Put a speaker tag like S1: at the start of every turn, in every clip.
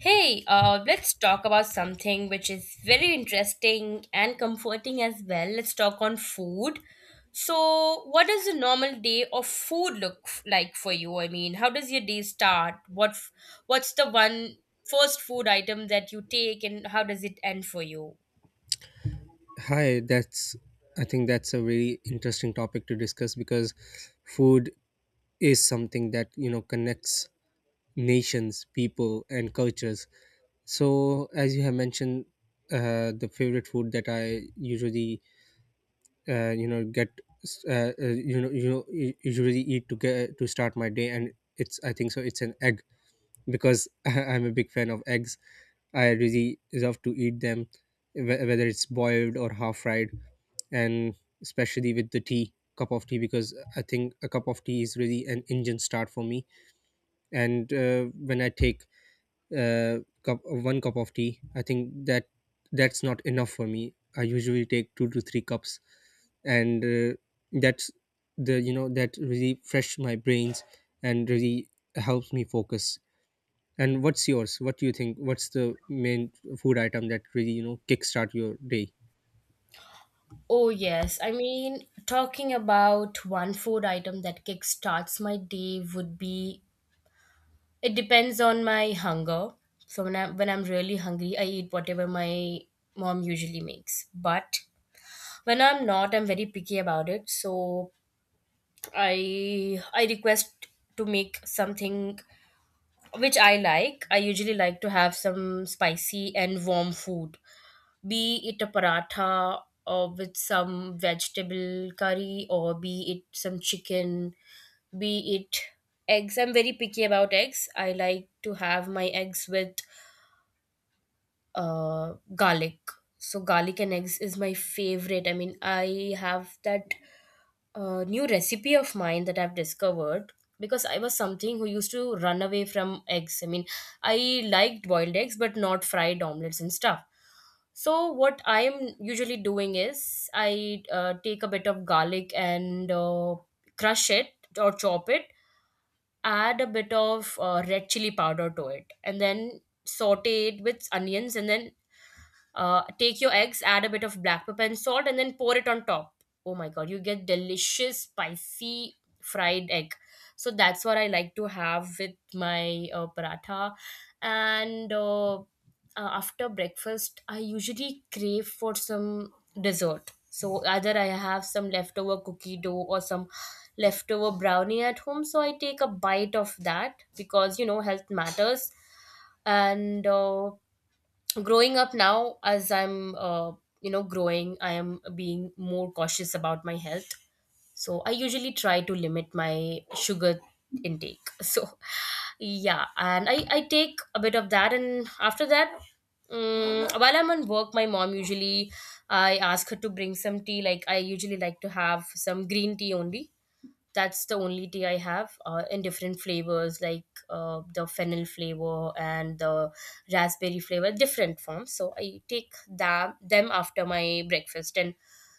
S1: Hey, let's talk about something which is very interesting and comforting as well. Let's talk on food. So, what does a normal day of food look like for you? I mean, how does your day start? What's the one first food item that you take, and how does it end for you?
S2: Hi, that's I think that's a very interesting topic to discuss because food is something that you know connects nations, people, and cultures. So, as you have mentioned, the favorite food that I usually get usually eat to get to start my day, and it's I think so it's an egg because I'm a big fan of eggs. I really love to eat them, whether it's boiled or half fried, and especially with the tea cup of tea because I think a cup of tea is really an engine start for me. And when I take uh, one cup of tea, I think that that's not enough for me. I usually take two to three cups. And that's the, you know, that really fresh my brains and really helps me focus. And what's yours? What do you think? What's the main food item that really you know kickstart your day?
S1: Oh, yes. I mean, talking about one food item that kickstarts my day would be— it depends on my hunger. So when I'm really hungry, I eat whatever my mom usually makes. But when I'm not, I'm very picky about it. So I request to make something which I like. I usually like to have some spicy and warm food. Be it a paratha or with some vegetable curry, or be it some chicken, be it eggs. I'm very picky about eggs. I like to have my eggs with garlic. So garlic and eggs is my favorite. I mean, I have that new recipe of mine that I've discovered, because I was something who used to run away from eggs. I mean, I liked boiled eggs, but not fried omelets and stuff. So what I am usually doing is I take a bit of garlic and crush it or chop it, add a bit of red chili powder to it, and then saute it with onions, and then take your eggs, add a bit of black pepper and salt, and then pour it on top. Oh my god, you get delicious spicy fried egg. So that's what I like to have with my paratha. And after breakfast, I usually crave for some dessert. So either I have some leftover cookie dough or some leftover brownie at home. So I take a bite of that, because you know, health matters. And growing up now, as I'm you know, growing, I am being more cautious about my health, so I usually try to limit my sugar intake. So yeah, and I take a bit of that, and after that, while I'm on work, my mom usually— I ask her to bring some tea. Like, I usually like to have some green tea only. That's the only tea I have in different flavors, like the fennel flavor and the raspberry flavor, different forms. So I take that them after my breakfast, and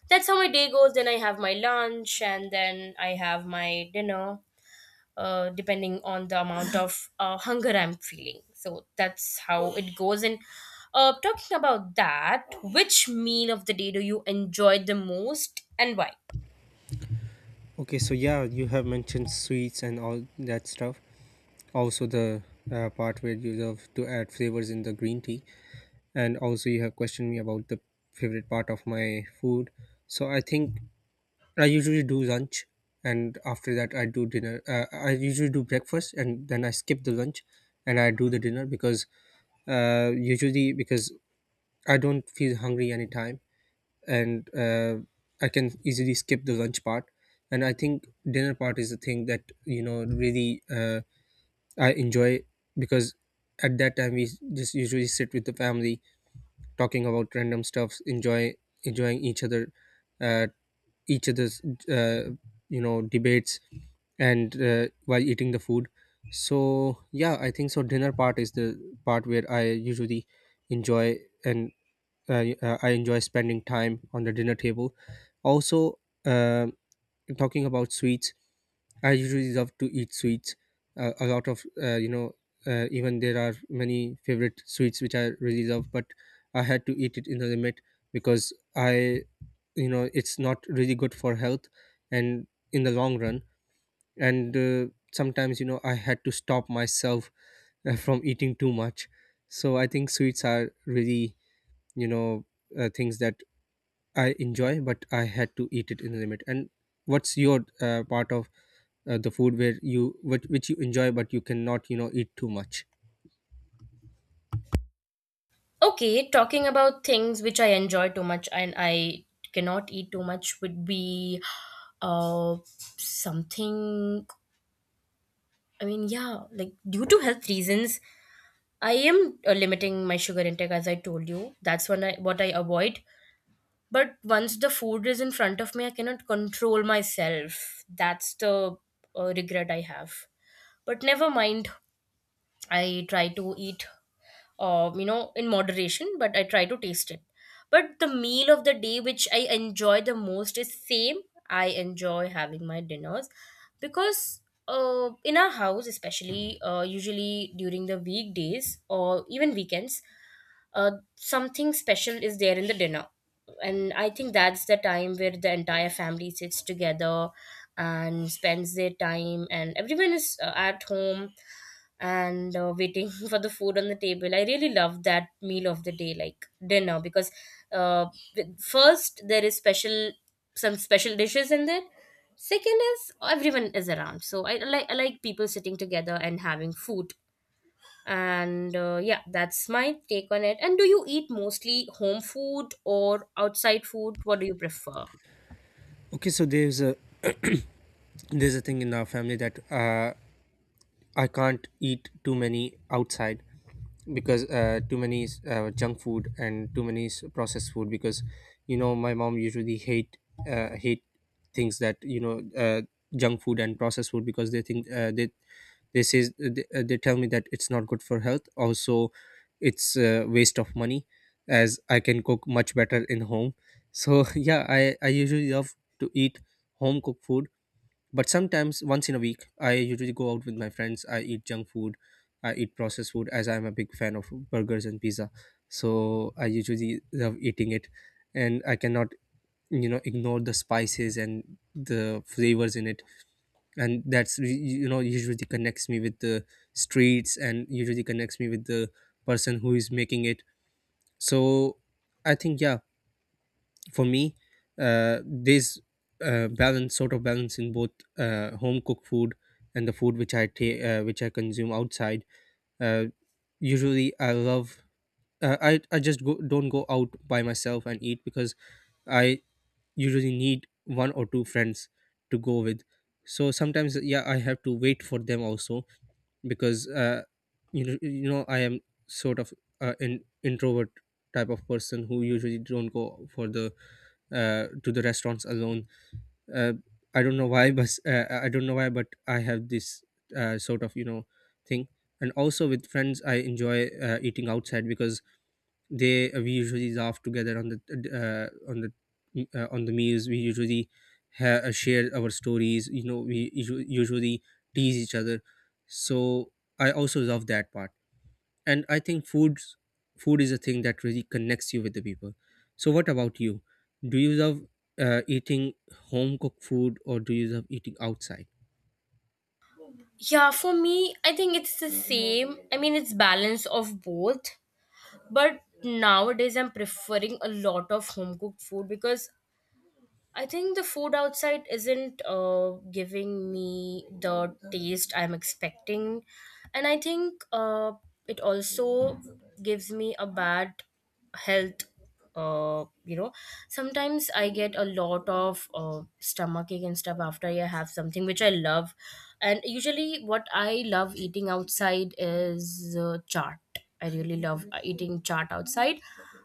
S1: that's how my day goes. Then I have my lunch, and then I have my dinner, depending on the amount of hunger I'm feeling. So that's how it goes. And talking about that, which meal of the day do you enjoy the most, and why?
S2: Okay, so yeah, you have mentioned sweets and all that stuff. Also, the part where you love to add flavors in the green tea. And also, you have questioned me about the favorite part of my food. So, I think I usually do lunch, and after that, I do dinner. I usually do breakfast, and then I skip the lunch and I do the dinner because usually because I don't feel hungry anytime. And I can easily skip the lunch part. And I think dinner part is the thing that you know really I enjoy because at that time we just usually sit with the family, talking about random stuffs, enjoying each other, uh, each other's uh, you know debates, and while eating the food. So yeah, I think so. Dinner part is the part where I usually enjoy, and I enjoy spending time on the dinner table. Also, uh, talking about sweets, I usually love to eat sweets. A lot of you know, even there are many favorite sweets which I really love, but I had to eat it in the limit because I, you know, it's not really good for health and in the long run. And sometimes you know I had to stop myself from eating too much. So I think sweets are really, you know, things that I enjoy, but I had to eat it in the limit. And what's your part of the food where you which you enjoy, but you cannot, you know, eat too much?
S1: Okay, talking about things which I enjoy too much and I cannot eat too much would be uh something. I mean, yeah, like, due to health reasons, I am limiting my sugar intake, as I told you. That's when— I what I avoid. But once the food is in front of me, I cannot control myself. That's the regret I have. But never mind. I try to eat you know, in moderation, but I try to taste it. But the meal of the day which I enjoy the most is same. I enjoy having my dinners, because in our house, especially usually during the weekdays or even weekends, something special is there in the dinner. And I think that's the time where the entire family sits together and spends their time, and everyone is at home and waiting for the food on the table. I really love that meal of the day, like dinner, because uh, first, there is special— some special dishes in there. Second is, everyone is around. So I like people sitting together and having food. And yeah, that's my take on it. And do you eat mostly home food or outside food? What do you prefer?
S2: Okay, so there's a thing in our family that I can't eat too many outside because too many is, junk food and too many is processed food. Because you know my mom usually hate things that you know junk food and processed food, because they think they says they tell me that it's not good for health. Also, it's a waste of money, as I can cook much better in home. So yeah, I usually love to eat home cooked food. But sometimes, once in a week, I usually go out with my friends. I eat junk food, I eat processed food, as I'm a big fan of burgers and pizza. So I usually love eating it, and I cannot, you know, ignore the spices and the flavors in it. And that's you know usually connects me with the streets and usually connects me with the person who is making it. So I think yeah, for me there's balance sort of balance in both home cooked food and the food which I take, which I consume outside. uh, Usually I love, I just go, don't go out by myself and eat, because I usually need one or two friends to go with. So sometimes yeah, I have to wait for them also, because you know, you know, I am sort of an introvert type of person who usually don't go for the to the restaurants alone. Uh, I don't know why, but I don't know why, but I have this sort of you know thing. And also with friends, I enjoy eating outside because they we usually laugh together on the on the meals. We usually share our stories, you know, we usually tease each other. So I also love that part. And I think food is a thing that really connects you with the people. So what about you? Do you love eating home cooked food, or do you love eating outside?
S1: Yeah, for me, I think it's the same. I mean, it's balance of both. But nowadays, I'm preferring a lot of home cooked food, because I think the food outside isn't giving me the taste I'm expecting. And I think it also gives me a bad health. You know, sometimes I get a lot of stomach ache and stuff after I have something which I love. And usually, what I love eating outside is chaat. I really love eating chaat outside.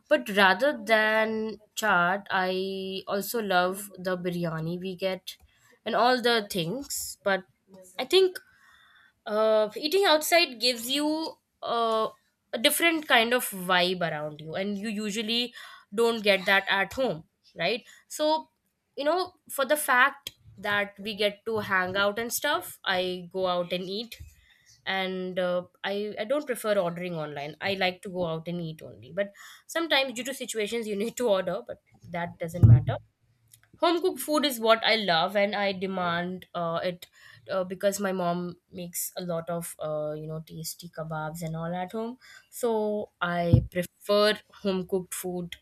S1: But rather than chaat, I also love the biryani we get and all the things. But I think eating outside gives you uh, a different kind of vibe around you, and you usually don't get that at home, right? So, you know, for the fact that we get to hang out and stuff, I go out and eat. And I don't prefer ordering online. I like to go out and eat only, but sometimes, due to situations, you need to order. But that doesn't matter. Home cooked food is what I love, and I demand it, because my mom makes a lot of you know, tasty kebabs and all at home. So I prefer home cooked food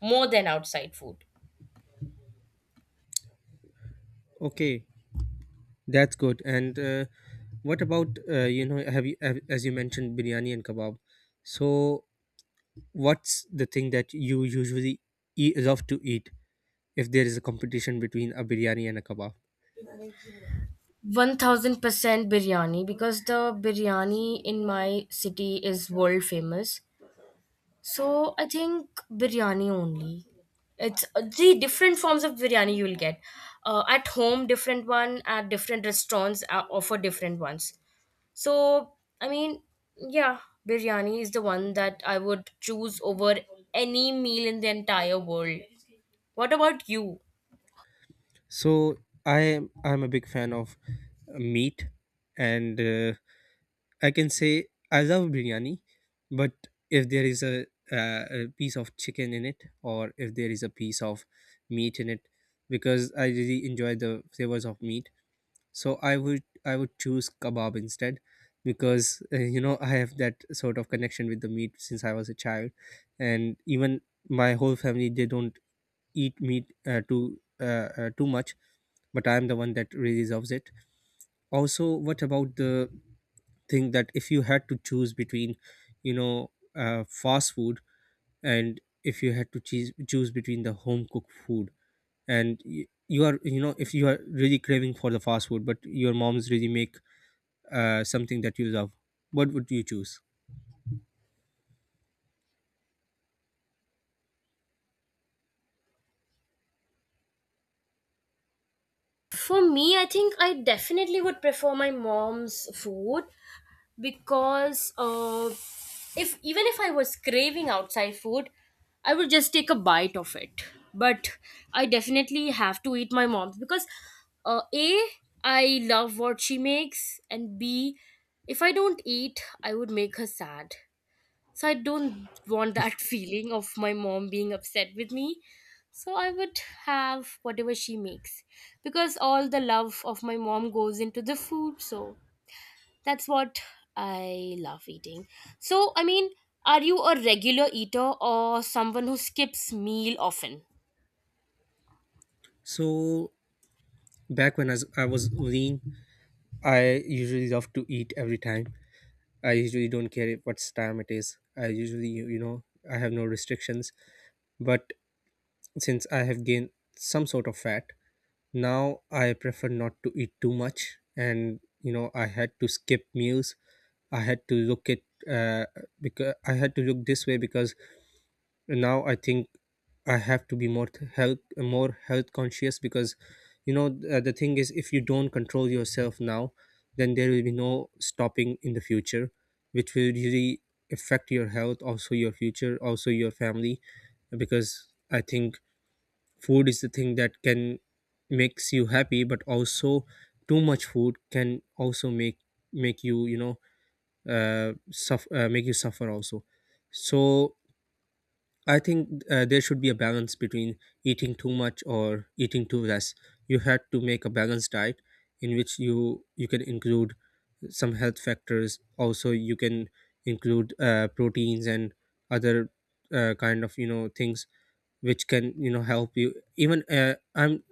S1: more than outside food.
S2: Okay, that's good. And what about you know, as you mentioned biryani and kebab, so what's the thing that you usually love to eat if there is a competition between a biryani and a kebab?
S1: 1000% biryani, because the biryani in my city is world famous. So I think biryani only. It's the different forms of biryani you will get. At home, different one. At different restaurants, offer different ones. So I mean, yeah, biryani is the one that I would choose over any meal in the entire world. What about you?
S2: So I'm a big fan of meat, and I can say I love biryani, but if there is a piece of chicken in it, or if there is a piece of meat in it, because I really enjoy the flavors of meat, so I would I would choose kebab instead, because you know I have that sort of connection with the meat since I was a child. And even my whole family, they don't eat meat too much, but I am the one that really loves it. Also, what about the thing that if you had to choose between, you know, fast food, and if you had to choose between the home cooked food, and you are, you know, if you are really craving for the fast food but your mom's really make something that you love, what would you choose?
S1: For me, I think I definitely would prefer my mom's food, because if— even if I was craving outside food, I would just take a bite of it. But I definitely have to eat my mom's, because a, I love what she makes, and b, if I don't eat, I would make her sad. So I don't want that feeling of my mom being upset with me. So I would have whatever she makes, because all the love of my mom goes into the food. So that's what I love eating. So I mean, are you a regular eater or someone who skips meal often?
S2: So back when I was lean, I usually love to eat every time. I usually don't care what time it is. I usually you know, I have no restrictions. But since I have gained some sort of fat, now I prefer not to eat too much. And you know I had to skip meals. I had to look at, uh, because I had to look this way because now I think I have to be more th- health more health conscious, because you know the thing is if you don't control yourself now, then there will be no stopping in the future, which will really affect your health, also your future, also your family. Because I think food is the thing that can makes you happy, but also too much food can also make you, you know, suffer make you suffer also. So I think there should be a balance between eating too much or eating too less. You had to make a balanced diet in which you can include some health factors. Also, you can include proteins and other kind of you know things which can you know help you. Even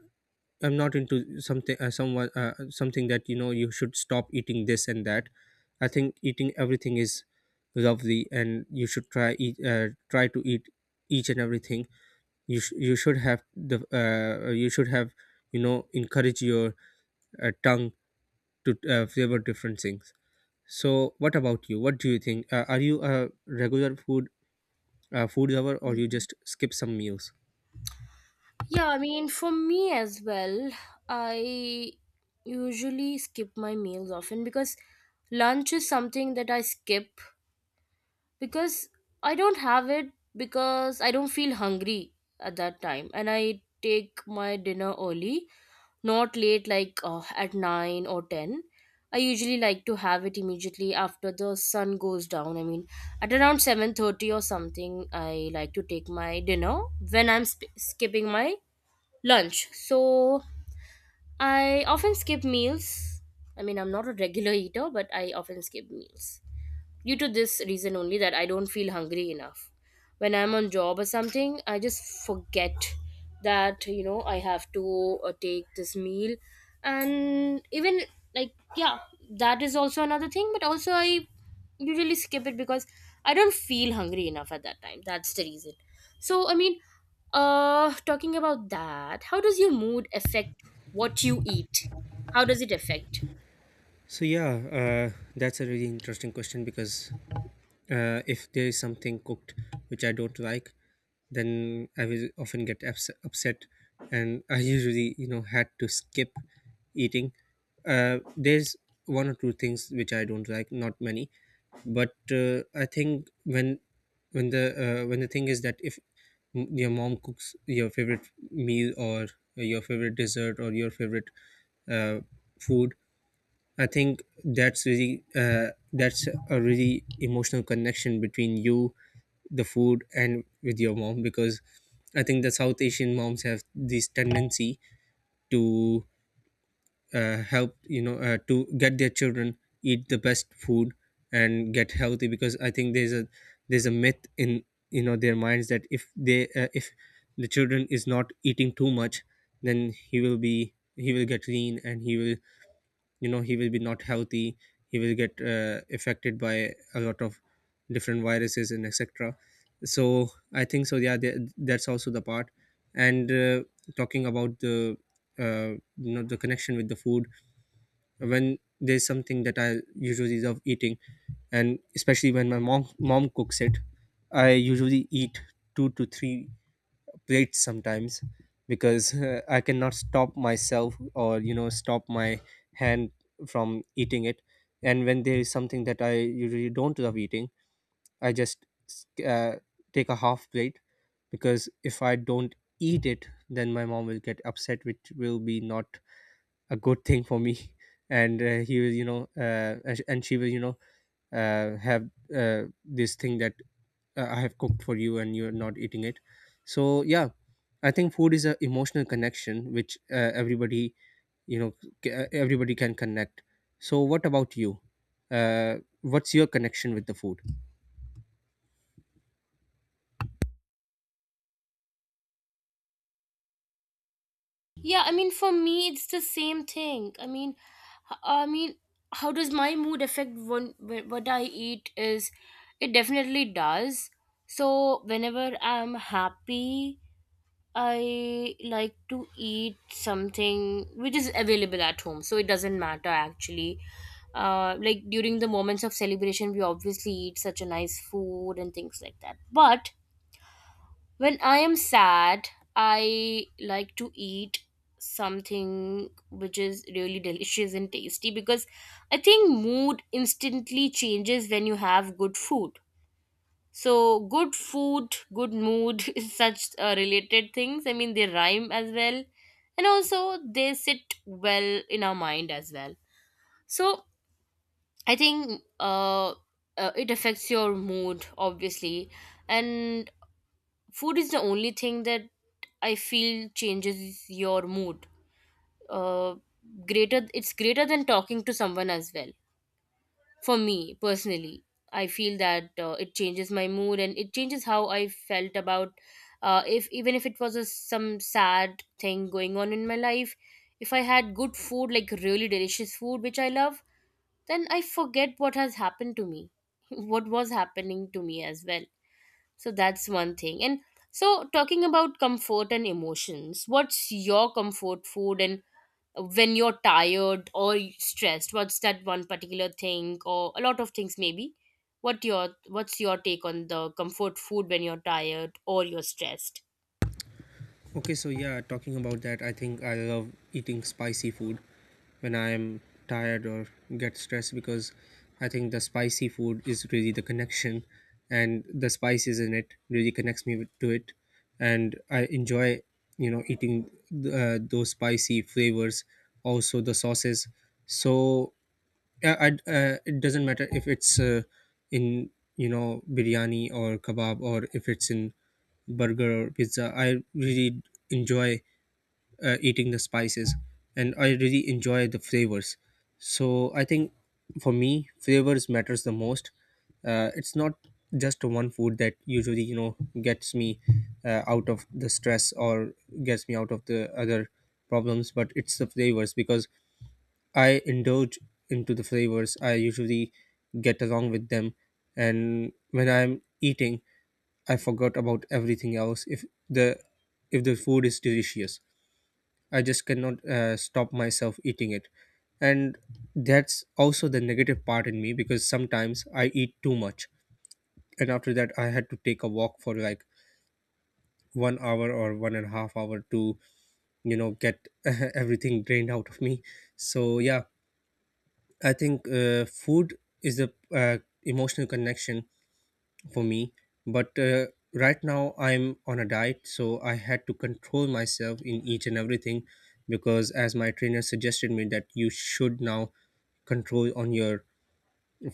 S2: I'm not into something someone something that you know you should stop eating this and that. I think eating everything is lovely, and you should try to eat each and everything. You sh- you should have the You should have, you know, encourage your tongue to flavor different things. So what about you? What do you think? Are you a regular food lover, or you just skip some meals?
S1: Yeah, I mean, for me as well, I usually skip my meals often, because lunch is something that I skip, because I don't have it, because I don't feel hungry at that time. And I take my dinner early, not late, like at 9 or 10. I usually like to have it immediately after the sun goes down. I mean, at around 7:30 or something, I like to take my dinner, when I'm skipping my lunch. So I often skip meals. I mean, I'm not a regular eater, but I often skip meals. Due to this reason only, that I don't feel hungry enough. When I'm on job or something, I just forget that, you know, I have to take this meal. And even, like, yeah, that is also another thing. But also, I usually skip it because I don't feel hungry enough at that time. That's the reason. So I mean, talking about that, how does your mood affect what you eat? How does it affect?
S2: So yeah, that's a really interesting question because, uh, if there is something cooked which I don't like, then I will often get upset, and I usually, you know, had to skip eating. There's one or two things which I don't like, not many, but I think when the when the thing is that if your mom cooks your favorite meal or your favorite dessert or your favorite uh, food, I think that's really that's a really emotional connection between you, the food, and with your mom, because I think the South Asian moms have this tendency to help, to get their children eat the best food and get healthy, because I think there's a myth in, their minds that if the children is not eating too much, then he will get lean and he will be not healthy, he will get affected by a lot of different viruses and etc. So I think so, yeah, that's also the part. And talking about the, uh, you know, the connection with the food, when there's something that I usually love eating, and especially when my mom cooks it, I usually eat two to three late sometimes, because I cannot stop myself, or, stop my hand from eating it. And when there is something that I usually don't love eating, I just uh, take a half plate, because if I don't eat it, then my mom will get upset, which will be not a good thing for me. And he will, you know, and sh- and she will, have this thing that I have cooked for you and you're not eating it. So yeah, I think food is an emotional connection which everybody, you know, everybody can connect. So what about you? What's your connection with the food?
S1: Yeah, I mean, for me, it's the same thing. I mean, I mean, how does my mood affect what I eat? Is— it definitely does. So whenever I'm happy, I like to eat something which is available at home. So it doesn't matter, actually. Like, during the moments of celebration, we obviously eat such a nice food and things like that. But when I am sad, I like to eat something which is really delicious and tasty, because I think mood instantly changes when you have good food. So, good food, good mood is such related things. I mean, they rhyme as well, and also they sit well in our mind as well. So, I think it affects your mood, obviously, and food is the only thing that I feel changes your mood. Uh, it's greater than talking to someone as well. For me personally, I feel that it changes my mood, and it changes how I felt about. If— even if it was a— some sad thing going on in my life, if I had good food, like really delicious food which I love, then I forget what has happened to me, what was happening to me as well. So that's one thing. And so, talking about comfort and emotions, what's your comfort food? And when you're tired or stressed, what's that one particular thing, or a lot of things maybe? What's your take on the comfort food when you're tired or you're stressed?
S2: Okay, so yeah, talking about that, I think I love eating spicy food when I am tired or get stressed, because I think the spicy food is really the connection, and the spices in it really connects me to it, and I enjoy, eating those spicy flavors, also the sauces. So it doesn't matter if it's, in, biryani or kebab, or if it's in burger or pizza. I really enjoy eating the spices, and I really enjoy the flavors. So I think for me, flavors matters the most. Uh, it's not just one food that usually, gets me out of the stress or gets me out of the other problems, but it's the flavors, because I indulge into the flavors. I usually get along with them, and when I'm eating, I forgot about everything else. If the food is delicious, I just cannot stop myself eating it, and that's also the negative part in me, because sometimes I eat too much, and after that I had to take a walk for like 1 hour or 1.5 hours to, get everything drained out of me. So yeah, I think food is a, uh, emotional connection for me, but right now I'm on a diet, so I had to control myself in each and everything, because as my trainer suggested me that you should now control on your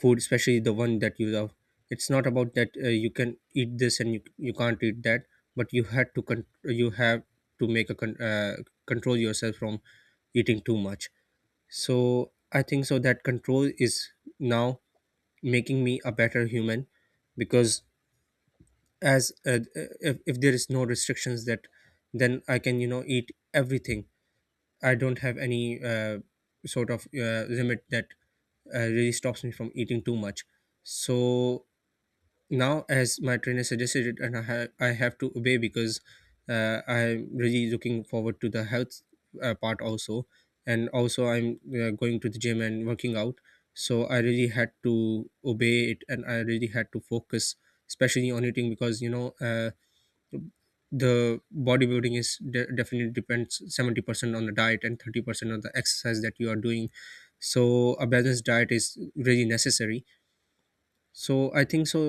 S2: food, especially the one that you love. It's not about that you can eat this and you can't eat that, but you had to you have to make a control yourself from eating too much. So I think so, that control is now making me a better human, because as if there is no restrictions that, then I can, eat everything. I don't have any sort of limit that really stops me from eating too much. So now, as my trainer suggested it, and I have to obey, because I'm really looking forward to the health part also, and also I'm going to the gym and working out. So I really had to obey it, and I really had to focus, especially on eating, because, you know. The bodybuilding is definitely depends 70% on the diet and 30% on the exercise that you are doing. So a balanced diet is really necessary. So I think so,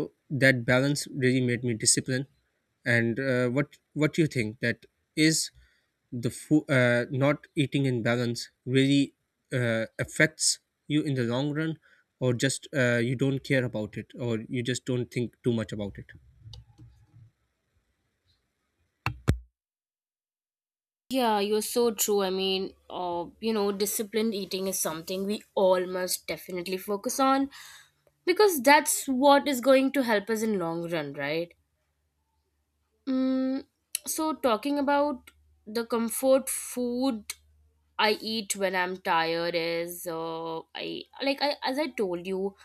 S2: that balance really made me disciplined. And what do you think, that is the food, not eating in balance, really affects you in the long run, or just, you don't care about it, or you just don't think too much about it?
S1: Yeah, you're so true. I mean, disciplined eating is something we all must definitely focus on, because that's what is going to help us in long run, right? Mm, so talking about the comfort food I eat when I'm tired is I like I as I told you,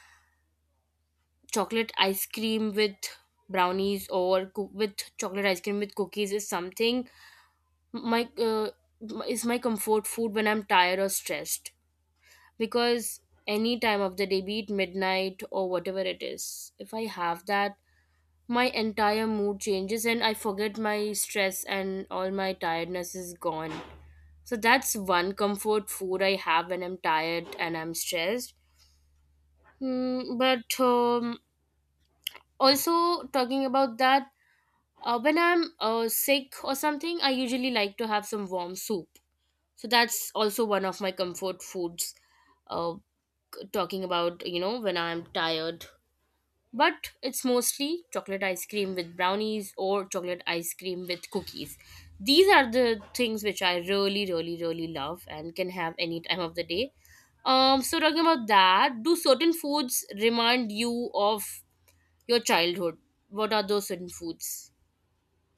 S1: chocolate ice cream with brownies, or with chocolate ice cream with cookies, is something my is my comfort food when I'm tired or stressed. Because any time of the day, be it midnight or whatever it is, if I have that, my entire mood changes and I forget my stress and all my tiredness is gone. So that's one comfort food I have when I'm tired and I'm stressed. Mm, but Also talking about that, when I'm sick or something, I usually like to have some warm soup. So that's also one of my comfort foods. Uh, Talking about when I'm tired. But it's mostly chocolate ice cream with brownies or chocolate ice cream with cookies. These are the things which I really, really, really love and can have any time of the day. So talking about that, do certain foods remind you of your childhood? What are those certain foods?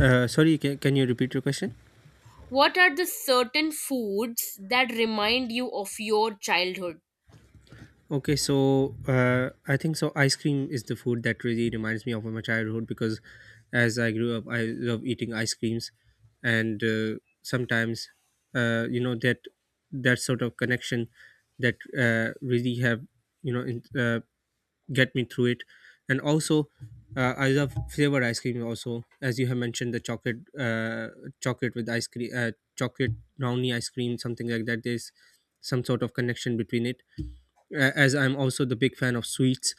S2: Sorry, can you repeat your question?
S1: What are the certain foods that remind you of your childhood?
S2: Okay, so I think so. Ice cream is the food that really reminds me of my childhood, because as I grew up, I love eating ice creams, and sometimes, uh, you know that that sort of connection that really have, you know in, uh, get me through it, and also I love flavored ice cream. Also, as you have mentioned, the chocolate with ice cream, chocolate brownie ice cream, something like that. There's some sort of connection between it, as I'm also the big fan of sweets.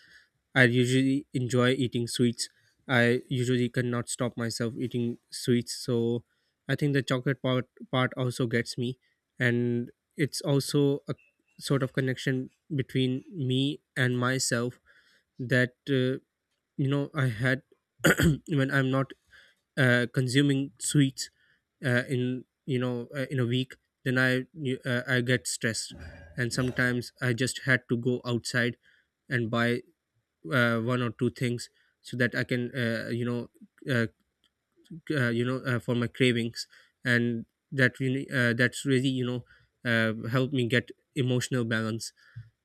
S2: I usually enjoy eating sweets. I usually cannot stop myself eating sweets, so I think the chocolate part also gets me, and it's also a sort of connection between me and myself, that I had when I'm not consuming sweets, in you know in a week, then I get stressed, and sometimes I just had to go outside and buy one or two things, so that I can, uh, for my cravings, and that really, that's really, helped me get emotional balance.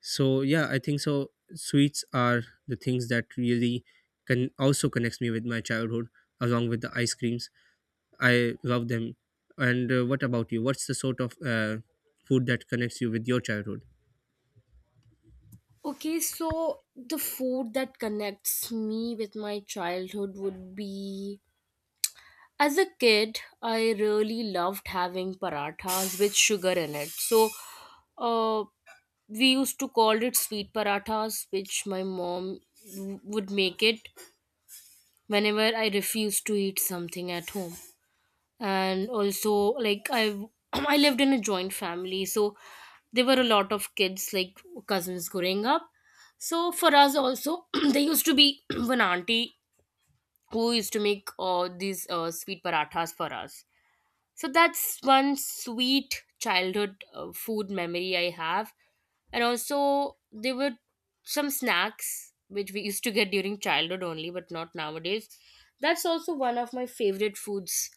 S2: So yeah, I think so, sweets are the things that really can also connects me with my childhood, along with the ice creams. I love them. And what about you? What's the sort of food that connects you with your childhood?
S1: Okay, so the food that connects me with my childhood would be, as a kid, I really loved having parathas with sugar in it. So, uh, we used to call it sweet parathas, which my mom would make it whenever I refused to eat something at home. And also, like I, I lived in a joint family, so there were a lot of kids, like cousins, growing up. So for us also, there used to be one auntie who used to make these sweet parathas for us. So that's one sweet childhood food memory I have. And also there were some snacks which we used to get during childhood only but not nowadays. That's also one of my favorite foods.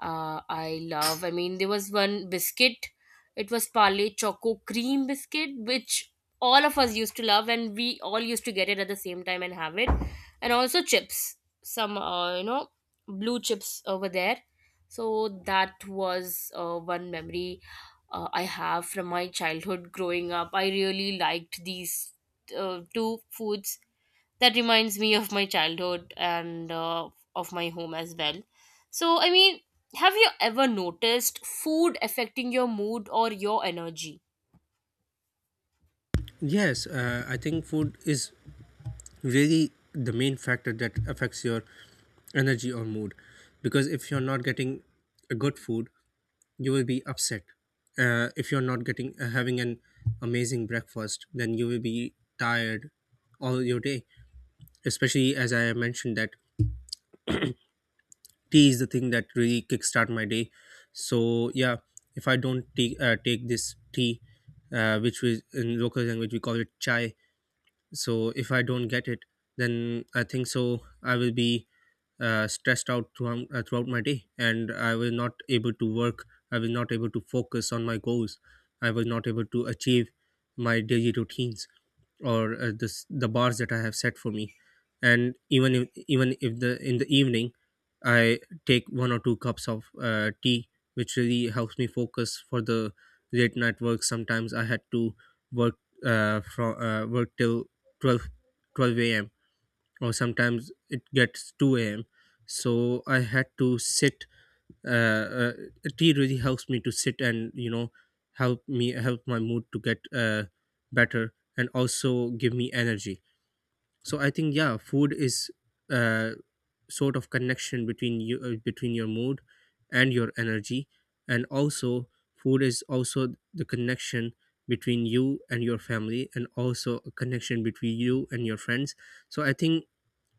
S1: I love, I mean, there was one biscuit, it was Parle Choco Cream biscuit, which all of us used to love and we all used to get it at the same time and have it. And also chips, some blue chips over there. So that was one memory I have from my childhood growing up. I really liked these two foods that reminds me of my childhood and of my home as well. So, I mean, have you ever noticed food affecting your mood or your energy?
S2: Yes, I think food is really the main factor that affects your energy or mood, because if you're not getting a good food, you will be upset. If you're not getting having an amazing breakfast, then you will be tired all your day. Especially as I mentioned that tea is the thing that really kickstart my day. So yeah, if I don't take this tea, which we in local language we call it chai, so if I don't get it, then I think so, I will be stressed out throughout my day, and I will not able to work, I will not able to focus on my goals, I will not able to achieve my daily routines, or this the bars that I have set for me. And even if the in the evening, I take one or two cups of tea, which really helps me focus for the late night work. Sometimes I had to work from work till twelve twelve a.m., or sometimes it gets 2 a.m. So I had to sit. uh, uh, Tea really helps me to sit, and, help my mood to get better, and also give me energy. So I think, yeah, food is uh, sort of connection between you between your mood and your energy, and also food is also the connection between you and your family, and also a connection between you and your friends. So I think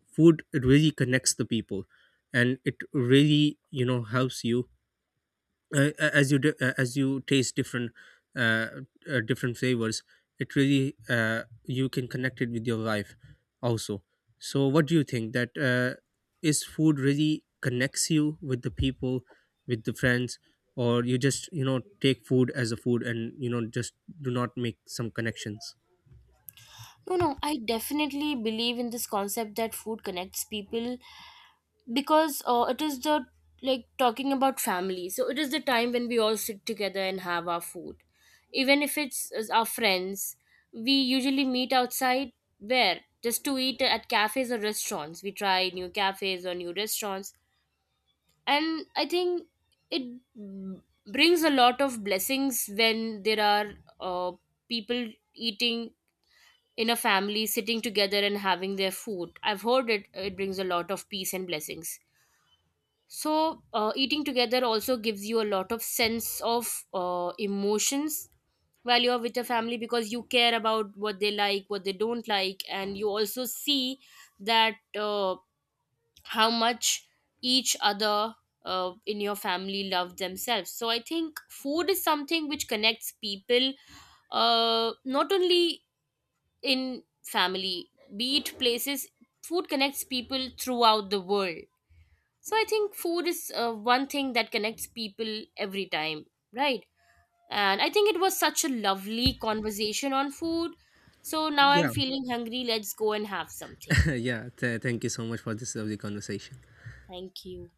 S2: food, it really connects the people, and it really, helps you, uh, as you taste uh, different flavors. It really, you can connect it with your life also. So what do you think, that is food really connects you with the people, with the friends, or you just, take food as a food, and, just do not make some connections?
S1: No, no, I definitely believe in this concept that food connects people. Because it is the, like talking about family, so it is the time when we all sit together and have our food. Even if it's our friends, we usually meet outside, where just to eat at cafes or restaurants, we try new cafes or new restaurants. And I think it b- brings a lot of blessings when there are uh, people eating in a family, sitting together and having their food. I've heard it, it brings a lot of peace and blessings. So eating together also gives you a lot of sense of emotions while you're with your family, because you care about what they like, what they don't like, and you also see that how much each other in your family love themselves. So I think food is something which connects people, not only in family, be it places, food connects people throughout the world. So I think food is one thing that connects people every time, right? And I think it was such a lovely conversation on food. So now I'm
S2: Yeah.
S1: feeling hungry. Let's go and have something.
S2: Yeah, thank you so much for this lovely conversation.
S1: Thank you.